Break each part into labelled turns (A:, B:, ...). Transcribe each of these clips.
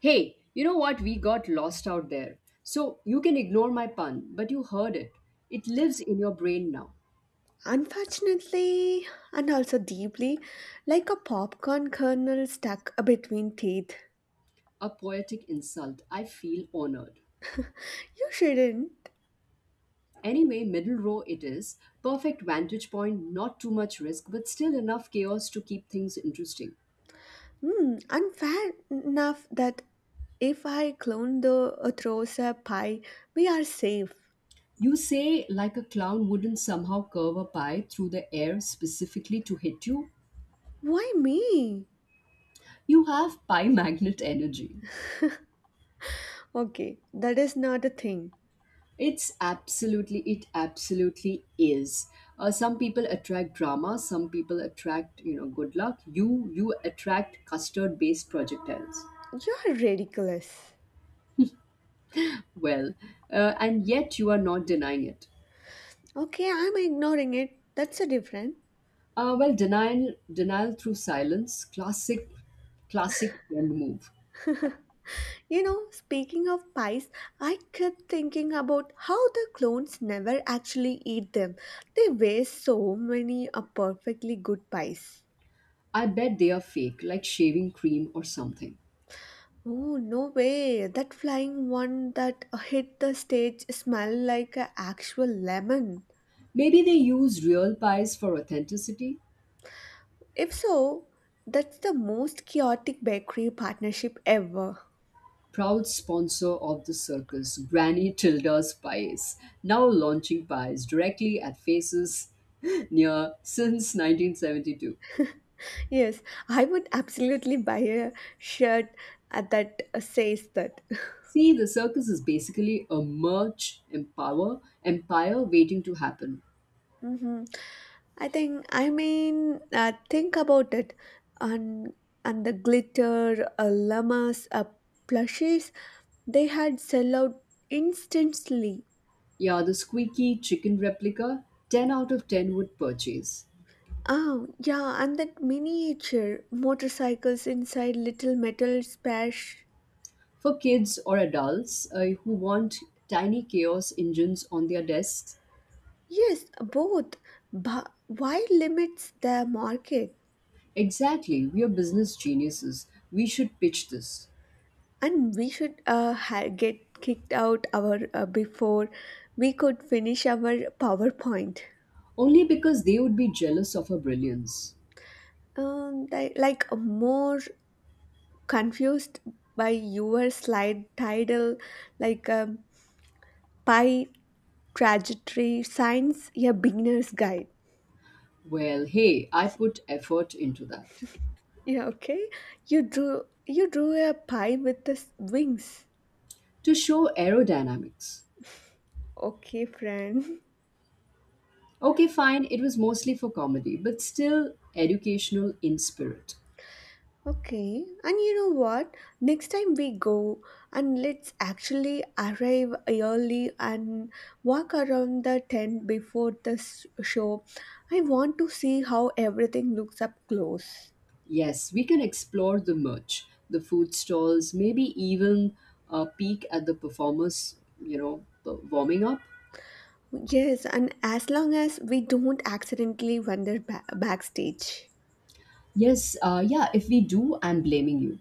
A: Hey, you know what? We got lost out there. So you can ignore my pun, but you heard it. It lives in your brain now.
B: Unfortunately, and also deeply, like a popcorn kernel stuck between teeth.
A: A poetic insult. I feel honored.
B: You shouldn't.
A: Anyway, middle row it is. Perfect vantage point, not too much risk, but still enough chaos to keep things interesting.
B: Hmm, unfair enough that if I clone the Atrosa pie, we are safe.
A: You say, like a clown wouldn't somehow curve a pie through the air specifically to hit you.
B: Why me?
A: You have pie magnet energy.
B: Okay, that is not a thing.
A: It absolutely is. Some people attract drama, some people attract, you know, good luck. You attract custard-based projectiles.
B: You're ridiculous.
A: Well, and yet you are not denying it.
B: Okay, I'm ignoring it. That's a different.
A: Well, denial through silence, classic, classic trend move.
B: Speaking of pies, I kept thinking about how the clones never actually eat them. They waste so many perfectly good pies.
A: I bet they are fake, like shaving cream or something.
B: Oh, no way. That flying one that hit the stage smelled like an actual lemon.
A: Maybe they use real pies for authenticity.
B: If so, that's the most chaotic bakery partnership ever.
A: Proud sponsor of the circus, Granny Tilda's Pies, now launching pies directly at faces near since 1972.
B: Yes, I would absolutely buy a shirt that says that.
A: See, the circus is basically a merch empower empire waiting to happen.
B: Mhm. I think I mean think about it and and the glitter llamas plushies they had sell out instantly.
A: Yeah, the squeaky chicken replica, 10 out of 10 would purchase.
B: Oh yeah, and that miniature motorcycles inside little metal spash.
A: For kids or adults who want tiny chaos engines on their desks,
B: Yes, both. But why limits the market?
A: exactly, we are business geniuses. We should pitch this.
B: And we should get kicked out our before we could finish our PowerPoint.
A: Only because they would be jealous of her brilliance.
B: They, like more confused by your slide title, like pie trajectory science, a beginner's guide.
A: Well, hey, I put effort into that.
B: Yeah, okay, you drew a pie with the wings.
A: To show aerodynamics.
B: Okay, friend.
A: Okay, fine, it was mostly for comedy, but still educational in spirit.
B: Okay, and you know what, next time we go, and let's actually arrive early and walk around the tent before the show. I want to see how everything looks up close.
A: Yes, we can explore the merch, the food stalls, maybe even a peek at the performers, you know, warming up.
B: Yes, and as long as we don't accidentally wander backstage.
A: Yes, yeah, if we do, I'm blaming you.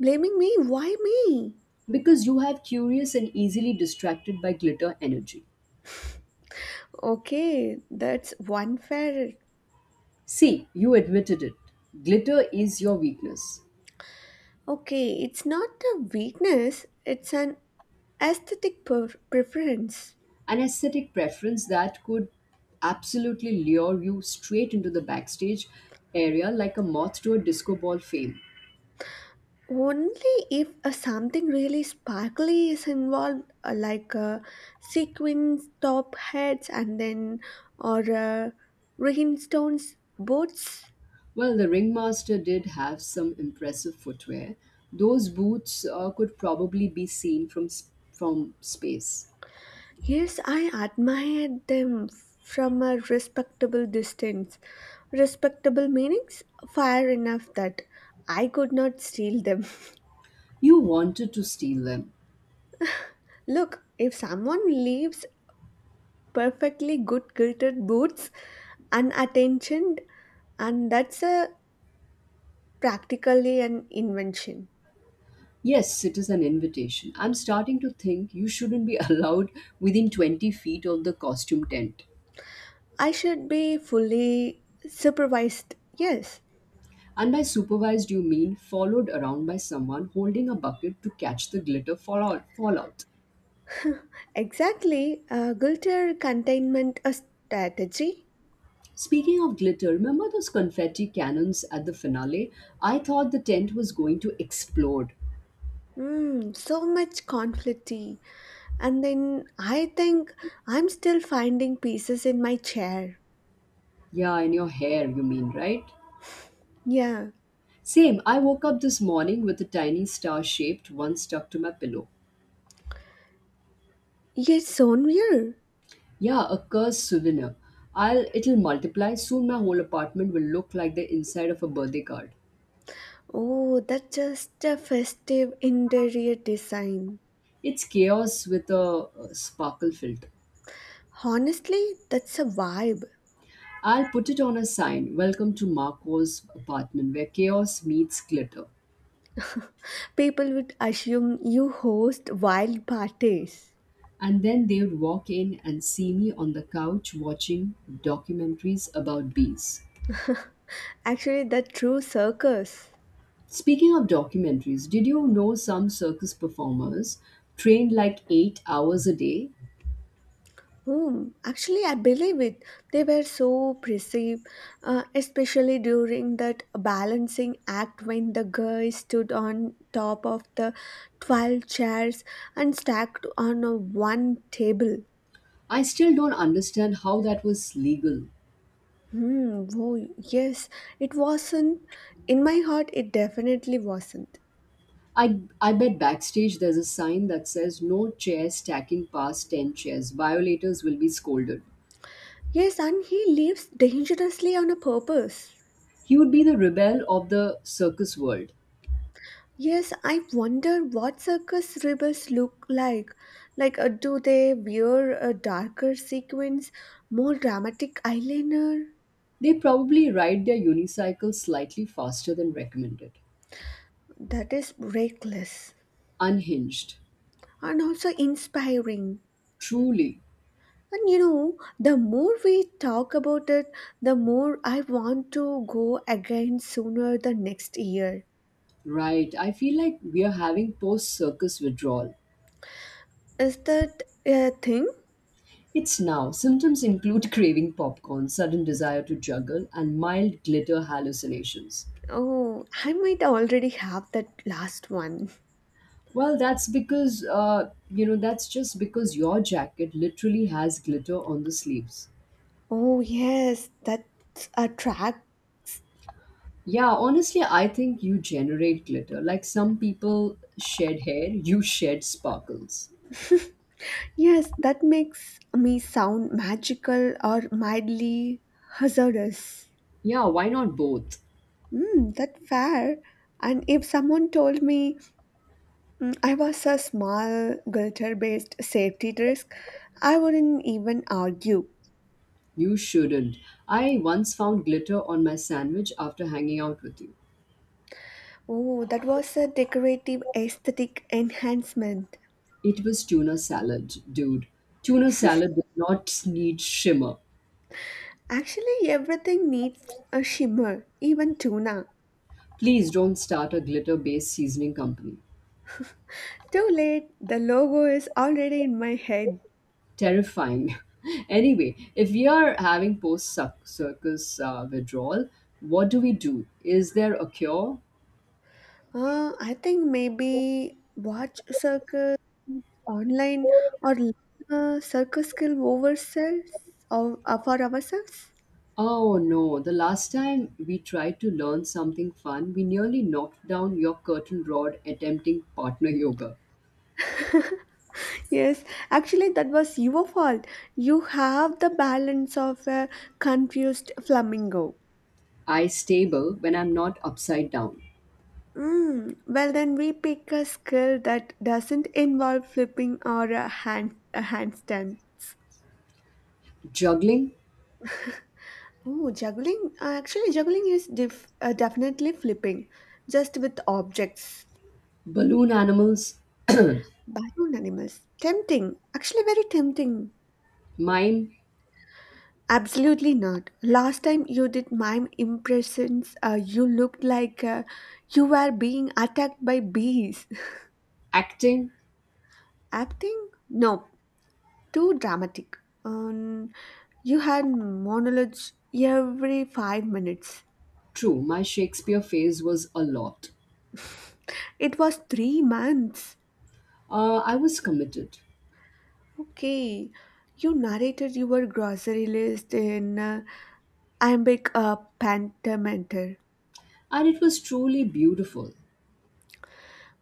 B: Blaming me? Why me?
A: Because you have curious and easily distracted by glitter energy.
B: Okay, that's one fair.
A: See, you admitted it. Glitter is your weakness,
B: Okay, it's not a weakness, it's an aesthetic preference.
A: an aesthetic preference that could absolutely lure you straight into the backstage area like a moth to a disco ball fame.
B: Only if something really sparkly is involved, like sequins, top hats, and then or rhinestones, boots.
A: Well, the ringmaster did have some impressive footwear. Those boots could probably be seen from from space.
B: Yes, I admired them from a respectable distance. Respectable meanings far enough that I could not steal them.
A: You wanted to steal them.
B: Look, if someone leaves perfectly good kilted boots unattentioned, and that's a practically an invention.
A: Yes, it is an invitation. I'm starting to think you shouldn't be allowed within 20 feet of the costume tent.
B: I should be fully supervised. Yes,
A: And by supervised, you mean followed around by someone holding a bucket to catch the glitter fallout.
B: exactly. A guilter containment a strategy.
A: Speaking of glitter, remember those confetti cannons at the finale? I thought the tent was going to explode.
B: So much conflicty. And then I think I'm still finding pieces in my chair.
A: Yeah, in your hair, you mean, right?
B: Yeah.
A: Same, I woke up this morning with a tiny star shaped one stuck to my pillow.
B: Yes, Sonmir.
A: Yeah, a cursed souvenir. I'll it'll multiply soon, my whole apartment will look like the inside of a birthday card.
B: Oh, that's just a festive interior design.
A: It's chaos with a sparkle filter.
B: Honestly, that's a vibe.
A: I'll put it on a sign, Welcome to Marco's apartment, where chaos meets glitter.
B: People would assume you host wild parties.
A: And then they would walk in and see me on the couch watching documentaries about bees.
B: Actually, the true circus.
A: Speaking of documentaries, did you know some circus performers trained like 8 hours a day?
B: Hmm. Actually, I believe it. They were so perceive, especially during that balancing act when the guy stood on top of the 12 chairs and stacked on a one table.
A: I still don't understand how that was legal.
B: Hmm. Oh, yes. It wasn't. In my heart, it definitely wasn't.
A: I bet backstage there's a sign that says no chairs stacking past 10 chairs. Violators will be scolded.
B: Yes, and he lives dangerously on a purpose.
A: He would be the rebel of the circus world.
B: Yes, I wonder what circus rebels look like. Like, do they wear a darker sequins, more dramatic eyeliner?
A: They probably ride their unicycle slightly faster than recommended.
B: That is reckless
A: Unhinged.
B: and also inspiring.
A: Truly.
B: And the more we talk about it, the more I want to go again sooner the next year.
A: Right. I feel like we are having post circus withdrawal.
B: Is that a thing?
A: It's now. Symptoms include craving popcorn, sudden desire to juggle, and mild glitter hallucinations.
B: Oh, I might already have that last one.
A: Well, that's because, you know, that's just because your jacket literally has glitter on the sleeves.
B: Oh, yes, that a track.
A: Yeah, honestly, I think you generate glitter. Like some people shed hair, you shed sparkles.
B: Yes, that makes me sound magical or mildly hazardous.
A: Yeah, why not both?
B: That fair. And if someone told me I was a small glitter-based safety risk, I wouldn't even argue.
A: You shouldn't. I once found glitter on my sandwich after hanging out with you.
B: Oh, that was a decorative aesthetic enhancement.
A: It was tuna salad, dude. Tuna salad does not need shimmer.
B: Actually, everything needs a shimmer, even tuna.
A: Please don't start a glitter based seasoning company.
B: Too late, the logo is already in my head.
A: Terrifying. anyway, if we are having post circus withdrawal, what do we do? Is there a cure?
B: I think maybe watch circus online or learn a circus skill ourselves or for ourselves.
A: Oh no, the last time we tried to learn something fun, we nearly knocked down your curtain rod attempting partner yoga.
B: Yes, actually, that was your fault. You have the balance of a confused flamingo.
A: I stable when I'm not upside down.
B: Well, then we pick a skill that doesn't involve flipping or a handstand.
A: Juggling,
B: Oh, juggling. Actually, juggling is definitely flipping, just with objects.
A: balloon animals,
B: Balloon animals. Tempting. Actually, very tempting.
A: mime,
B: Absolutely not. Last time you did mime impressions, you looked like you were being attacked by bees.
A: acting.
B: Acting? No, too dramatic. Um, you had monologues every 5 minutes.
A: True, my Shakespeare phase was a lot.
B: It was 3 months.
A: I was committed.
B: Okay. You narrated your grocery list in iambic pentameter.
A: And it was truly beautiful.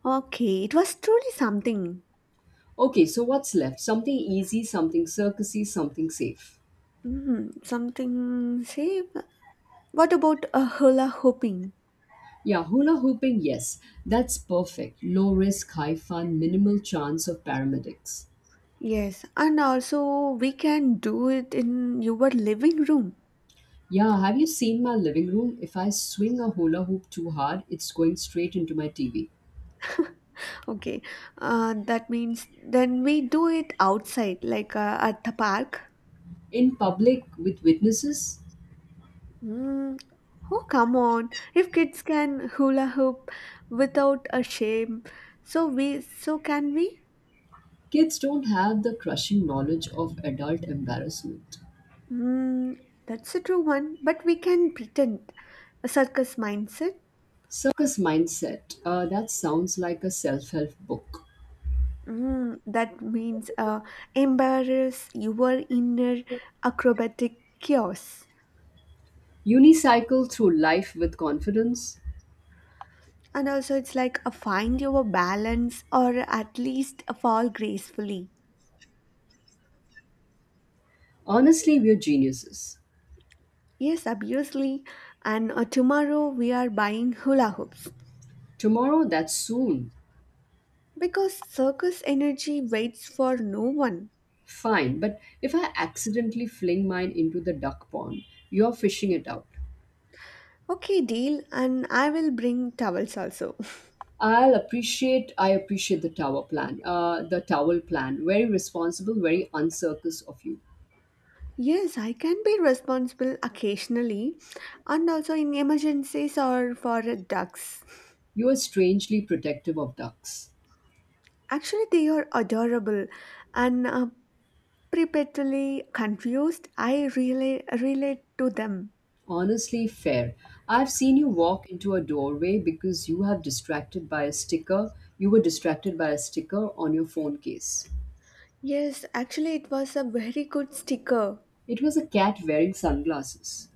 B: Okay, it was truly something.
A: Okay, so what's left? Something easy, something circusy, something safe.
B: Mhm, something same. What about a hula hooping?
A: Yeah, hula hooping, yes. That's perfect. Low risk, high fun, minimal chance of paramedics.
B: Yes, and also we can do it in your living room.
A: Yeah, have you seen my living room? If I swing a hula hoop too hard, it's going straight into my TV.
B: Okay, that means then we do it outside, like at the park.
A: In public, with witnesses,
B: Mm. Oh, come on! If kids can hula hoop without a shame, so can we?
A: kids don't have the crushing knowledge of adult embarrassment.
B: Mm, that's a true one, but we can pretend a circus mindset.
A: Circus mindset, that sounds like a self help book.
B: That means embarrass your inner acrobatic chaos.
A: Unicycle through life with confidence.
B: And also, it's like a find your balance or at least a fall gracefully.
A: Honestly, we're geniuses.
B: Yes, obviously. And tomorrow we are buying hula hoops
A: Tomorrow, that's soon.
B: because circus energy waits for no one.
A: Fine, but if I accidentally fling mine into the duck pond, you're fishing it out.
B: Okay, deal. And I will bring towels also.
A: I appreciate the tower plan. The towel plan. Very responsible. Very uncircus of you.
B: Yes, I can be responsible occasionally and also in emergencies or for ducks.
A: You are strangely protective of ducks.
B: Actually, they are adorable and perpetually confused. I really relate to them.
A: Honestly, fair. I've seen you walk into a doorway because you have distracted by a sticker. You were distracted by a sticker on your phone case.
B: Yes, actually, it was a very good sticker.
A: It was a cat wearing sunglasses.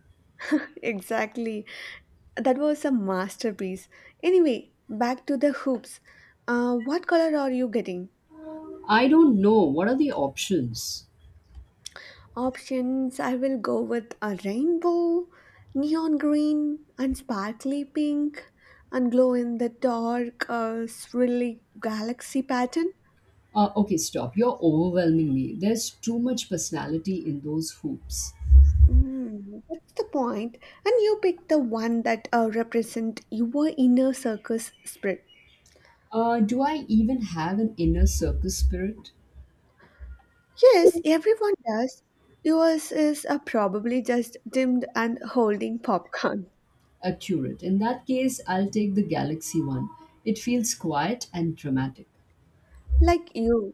B: Exactly. That was a masterpiece. Anyway, back to the hoops. What color are you getting?
A: I don't know. What are the options?
B: Options I will go with a rainbow, neon green, and sparkly pink, and glow in the dark, swirly galaxy pattern.
A: Okay, stop. You're overwhelming me. There's too much personality in those hoops.
B: That's the point. And you pick the one that represent your inner circus spirit.
A: Do I even have an inner circus spirit?
B: Yes, everyone does. Yours is probably just dimmed and holding popcorn.
A: Accurate. In that case, I'll take the galaxy one. It feels quiet and dramatic.
B: Like you.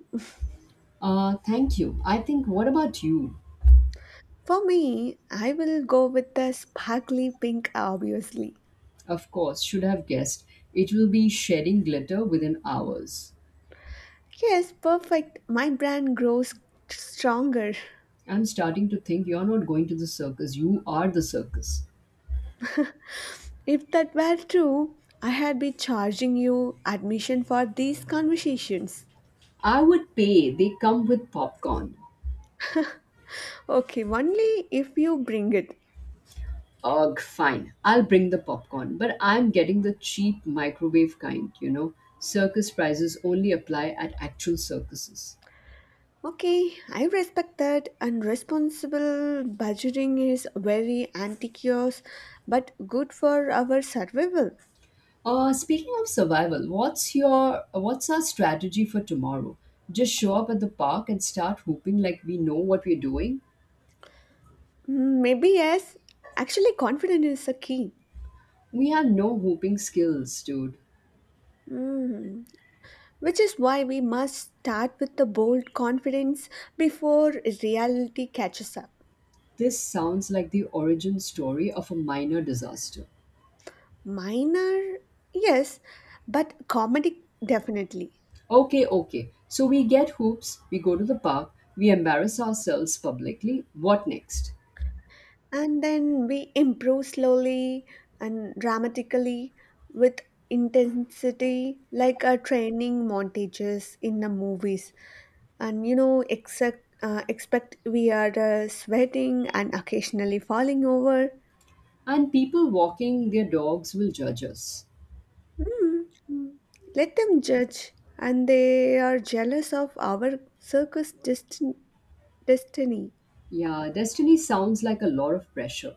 A: Thank you. I think, what about you?
B: For me, I will go with the sparkly pink, obviously.
A: Of course, should have guessed. It will be shedding glitter within hours.
B: Yes, perfect. My brand grows stronger.
A: I'm starting to think you're not going to the circus. You are the circus.
B: If that were true, I had been charging you admission for these conversations.
A: I would pay. They come with popcorn.
B: Okay, only if you bring it.
A: Ugh, fine. I'll bring the popcorn, but I'm getting the cheap microwave kind, you know. Circus prizes only apply at actual circuses.
B: Okay, I respect that. And responsible budgeting is very antiquous, but good for our survival.
A: Speaking of survival, what's our strategy for tomorrow? Just show up at the park and start hooping like we know what we're doing?
B: Maybe yes. Actually, confidence is a key.
A: We have no hooping skills, dude.
B: Mm, Which is why we must start with the bold confidence before reality catches up.
A: This sounds like the origin story of a minor disaster.
B: Minor, yes, but comedic, definitely.
A: Okay, okay. So we get hoops, we go to the park, we embarrass ourselves publicly. What next?
B: And then we improve slowly and dramatically with intensity, like a training montages in the movies. And expect we are sweating and occasionally falling over.
A: And people walking their dogs will judge us.
B: Mm, mm. Let them judge, and they are jealous of our circus destiny.
A: Yeah, destiny sounds like a lot of pressure.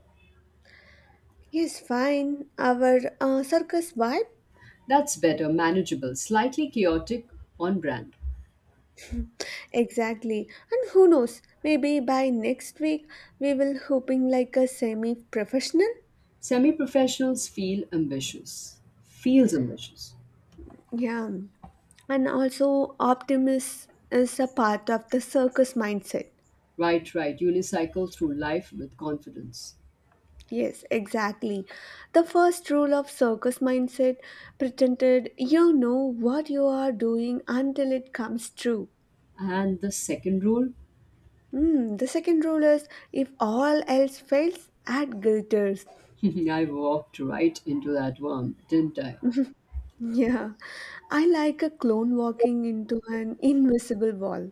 B: Yes, fine. Our circus vibe.
A: That's better, manageable, slightly chaotic, on brand.
B: Exactly. And who knows, maybe by next week we will hooping like a semi professional.
A: Semi professionals feel ambitious. Feels ambitious.
B: Yeah. And also optimism is a part of the circus mindset.
A: Right, right. Unicycle through life with confidence.
B: Yes, exactly. The first rule of circus mindset pretended you know what you are doing until it comes true.
A: And the second rule?
B: Hmm. The second rule is if all else fails, add glitters.
A: I walked right into that one, didn't I?
B: Yeah, I like a clone walking into an invisible wall.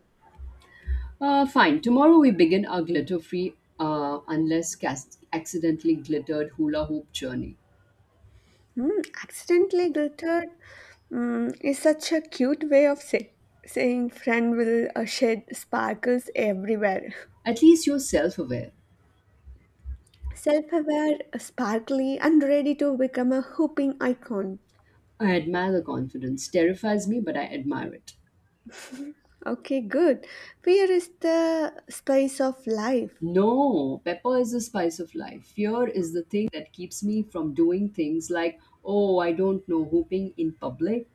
A: Fine. Tomorrow we begin our glitter free, unless accidentally glittered hula hoop journey.
B: Hmm, accidentally glittered is such a cute way of saying friend will shed sparkles everywhere.
A: At least you're self aware.
B: Self aware, sparkly, and ready to become a hooping icon.
A: I admire the confidence. Terrifies me, but I admire it.
B: Okay, good. Fear is the spice of life.
A: No, pepper is the spice of life. Fear is the thing that keeps me from doing things like, oh, I don't know, hooping in public.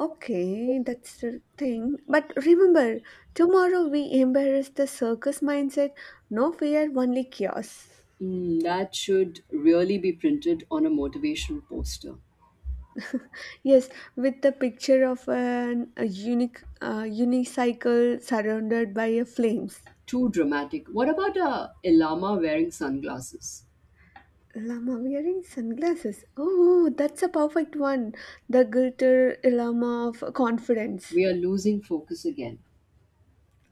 B: Okay, that's the thing. But remember, tomorrow we embrace the circus mindset. No fear, only chaos.
A: Mm, that should really be printed on a motivational poster.
B: Yes, with the picture of a unique unicycle surrounded by a flames.
A: Too dramatic. What about a llama wearing sunglasses?
B: Llama wearing sunglasses. Oh, that's a perfect one. The glitter llama of confidence.
A: We are losing focus again.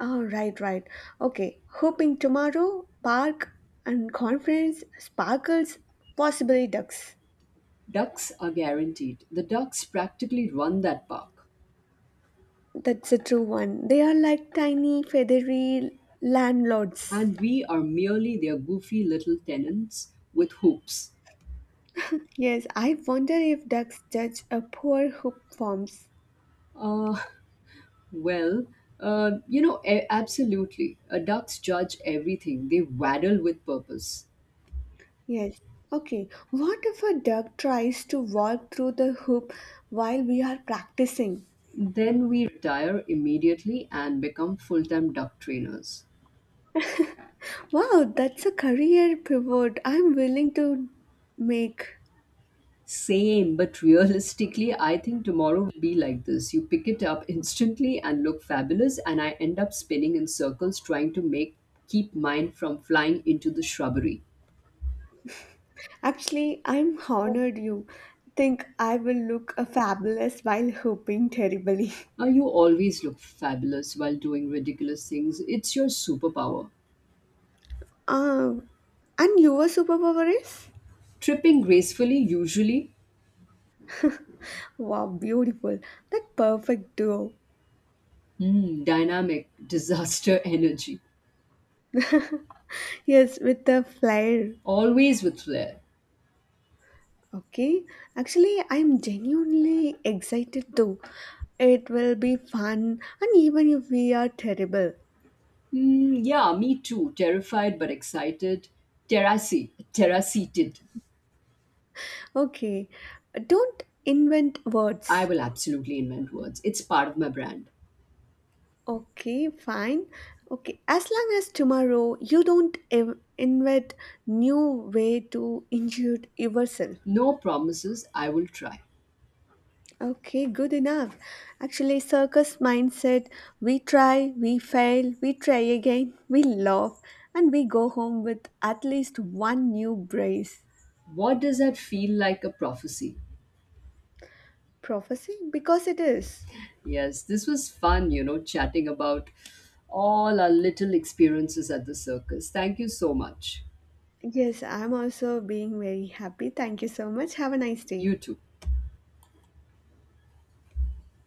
B: Oh, right, right. Okay, hoping tomorrow, park and conference sparkles, possibly ducks.
A: Ducks are guaranteed. The ducks practically run that park
B: That's a true one. They are like tiny, feathery landlords.
A: and we are merely their goofy little tenants with hoops.
B: Yes, I wonder if ducks judge a poor hoop forms.
A: Uh, well, you know, absolutely. Ducks judge everything, they waddle with purpose.
B: Yes. Okay, what if a duck tries to walk through the hoop while we are practicing?
A: Then we retire immediately and become full time duck trainers.
B: Wow, that's a career pivot I'm willing to make.
A: Same, but realistically, I think tomorrow will be like this. You pick it up instantly and look fabulous, and I end up spinning in circles trying to make keep mine from flying into the shrubbery.
B: Actually, I'm honored you think I will look a fabulous while hooping terribly.
A: Now, you always look fabulous while doing ridiculous things. It's your superpower.
B: Uh, and your superpower is?
A: Tripping gracefully, usually.
B: Wow, beautiful. That perfect duo.
A: Mm, dynamic, disaster energy.
B: Yes, with the flair.
A: Always with flair.
B: Okay. Actually, I'm genuinely excited too. It will be fun, and even if we are terrible.
A: Mm, yeah, me too. Terrified but excited. Terrassi, terrasseated.
B: Okay. Don't invent
A: I
B: words.
A: will absolutely invent words. It's part of my brand.
B: Okay, fine. Okay, as long as tomorrow you don't invent new way to injure yourself.
A: No promises, I will try.
B: Okay, good enough. Actually, circus mindset we try, we fail, we try again, we laugh, and we go home with at least one new brace.
A: What does that feel like a prophecy?
B: Prophecy? Because it is.
A: Yes, this was fun, you know, chatting about all our little experiences at the circus. Thank you so much.
B: Yes, I'm also being very happy. Thank you so much. Have a nice day.
A: You too.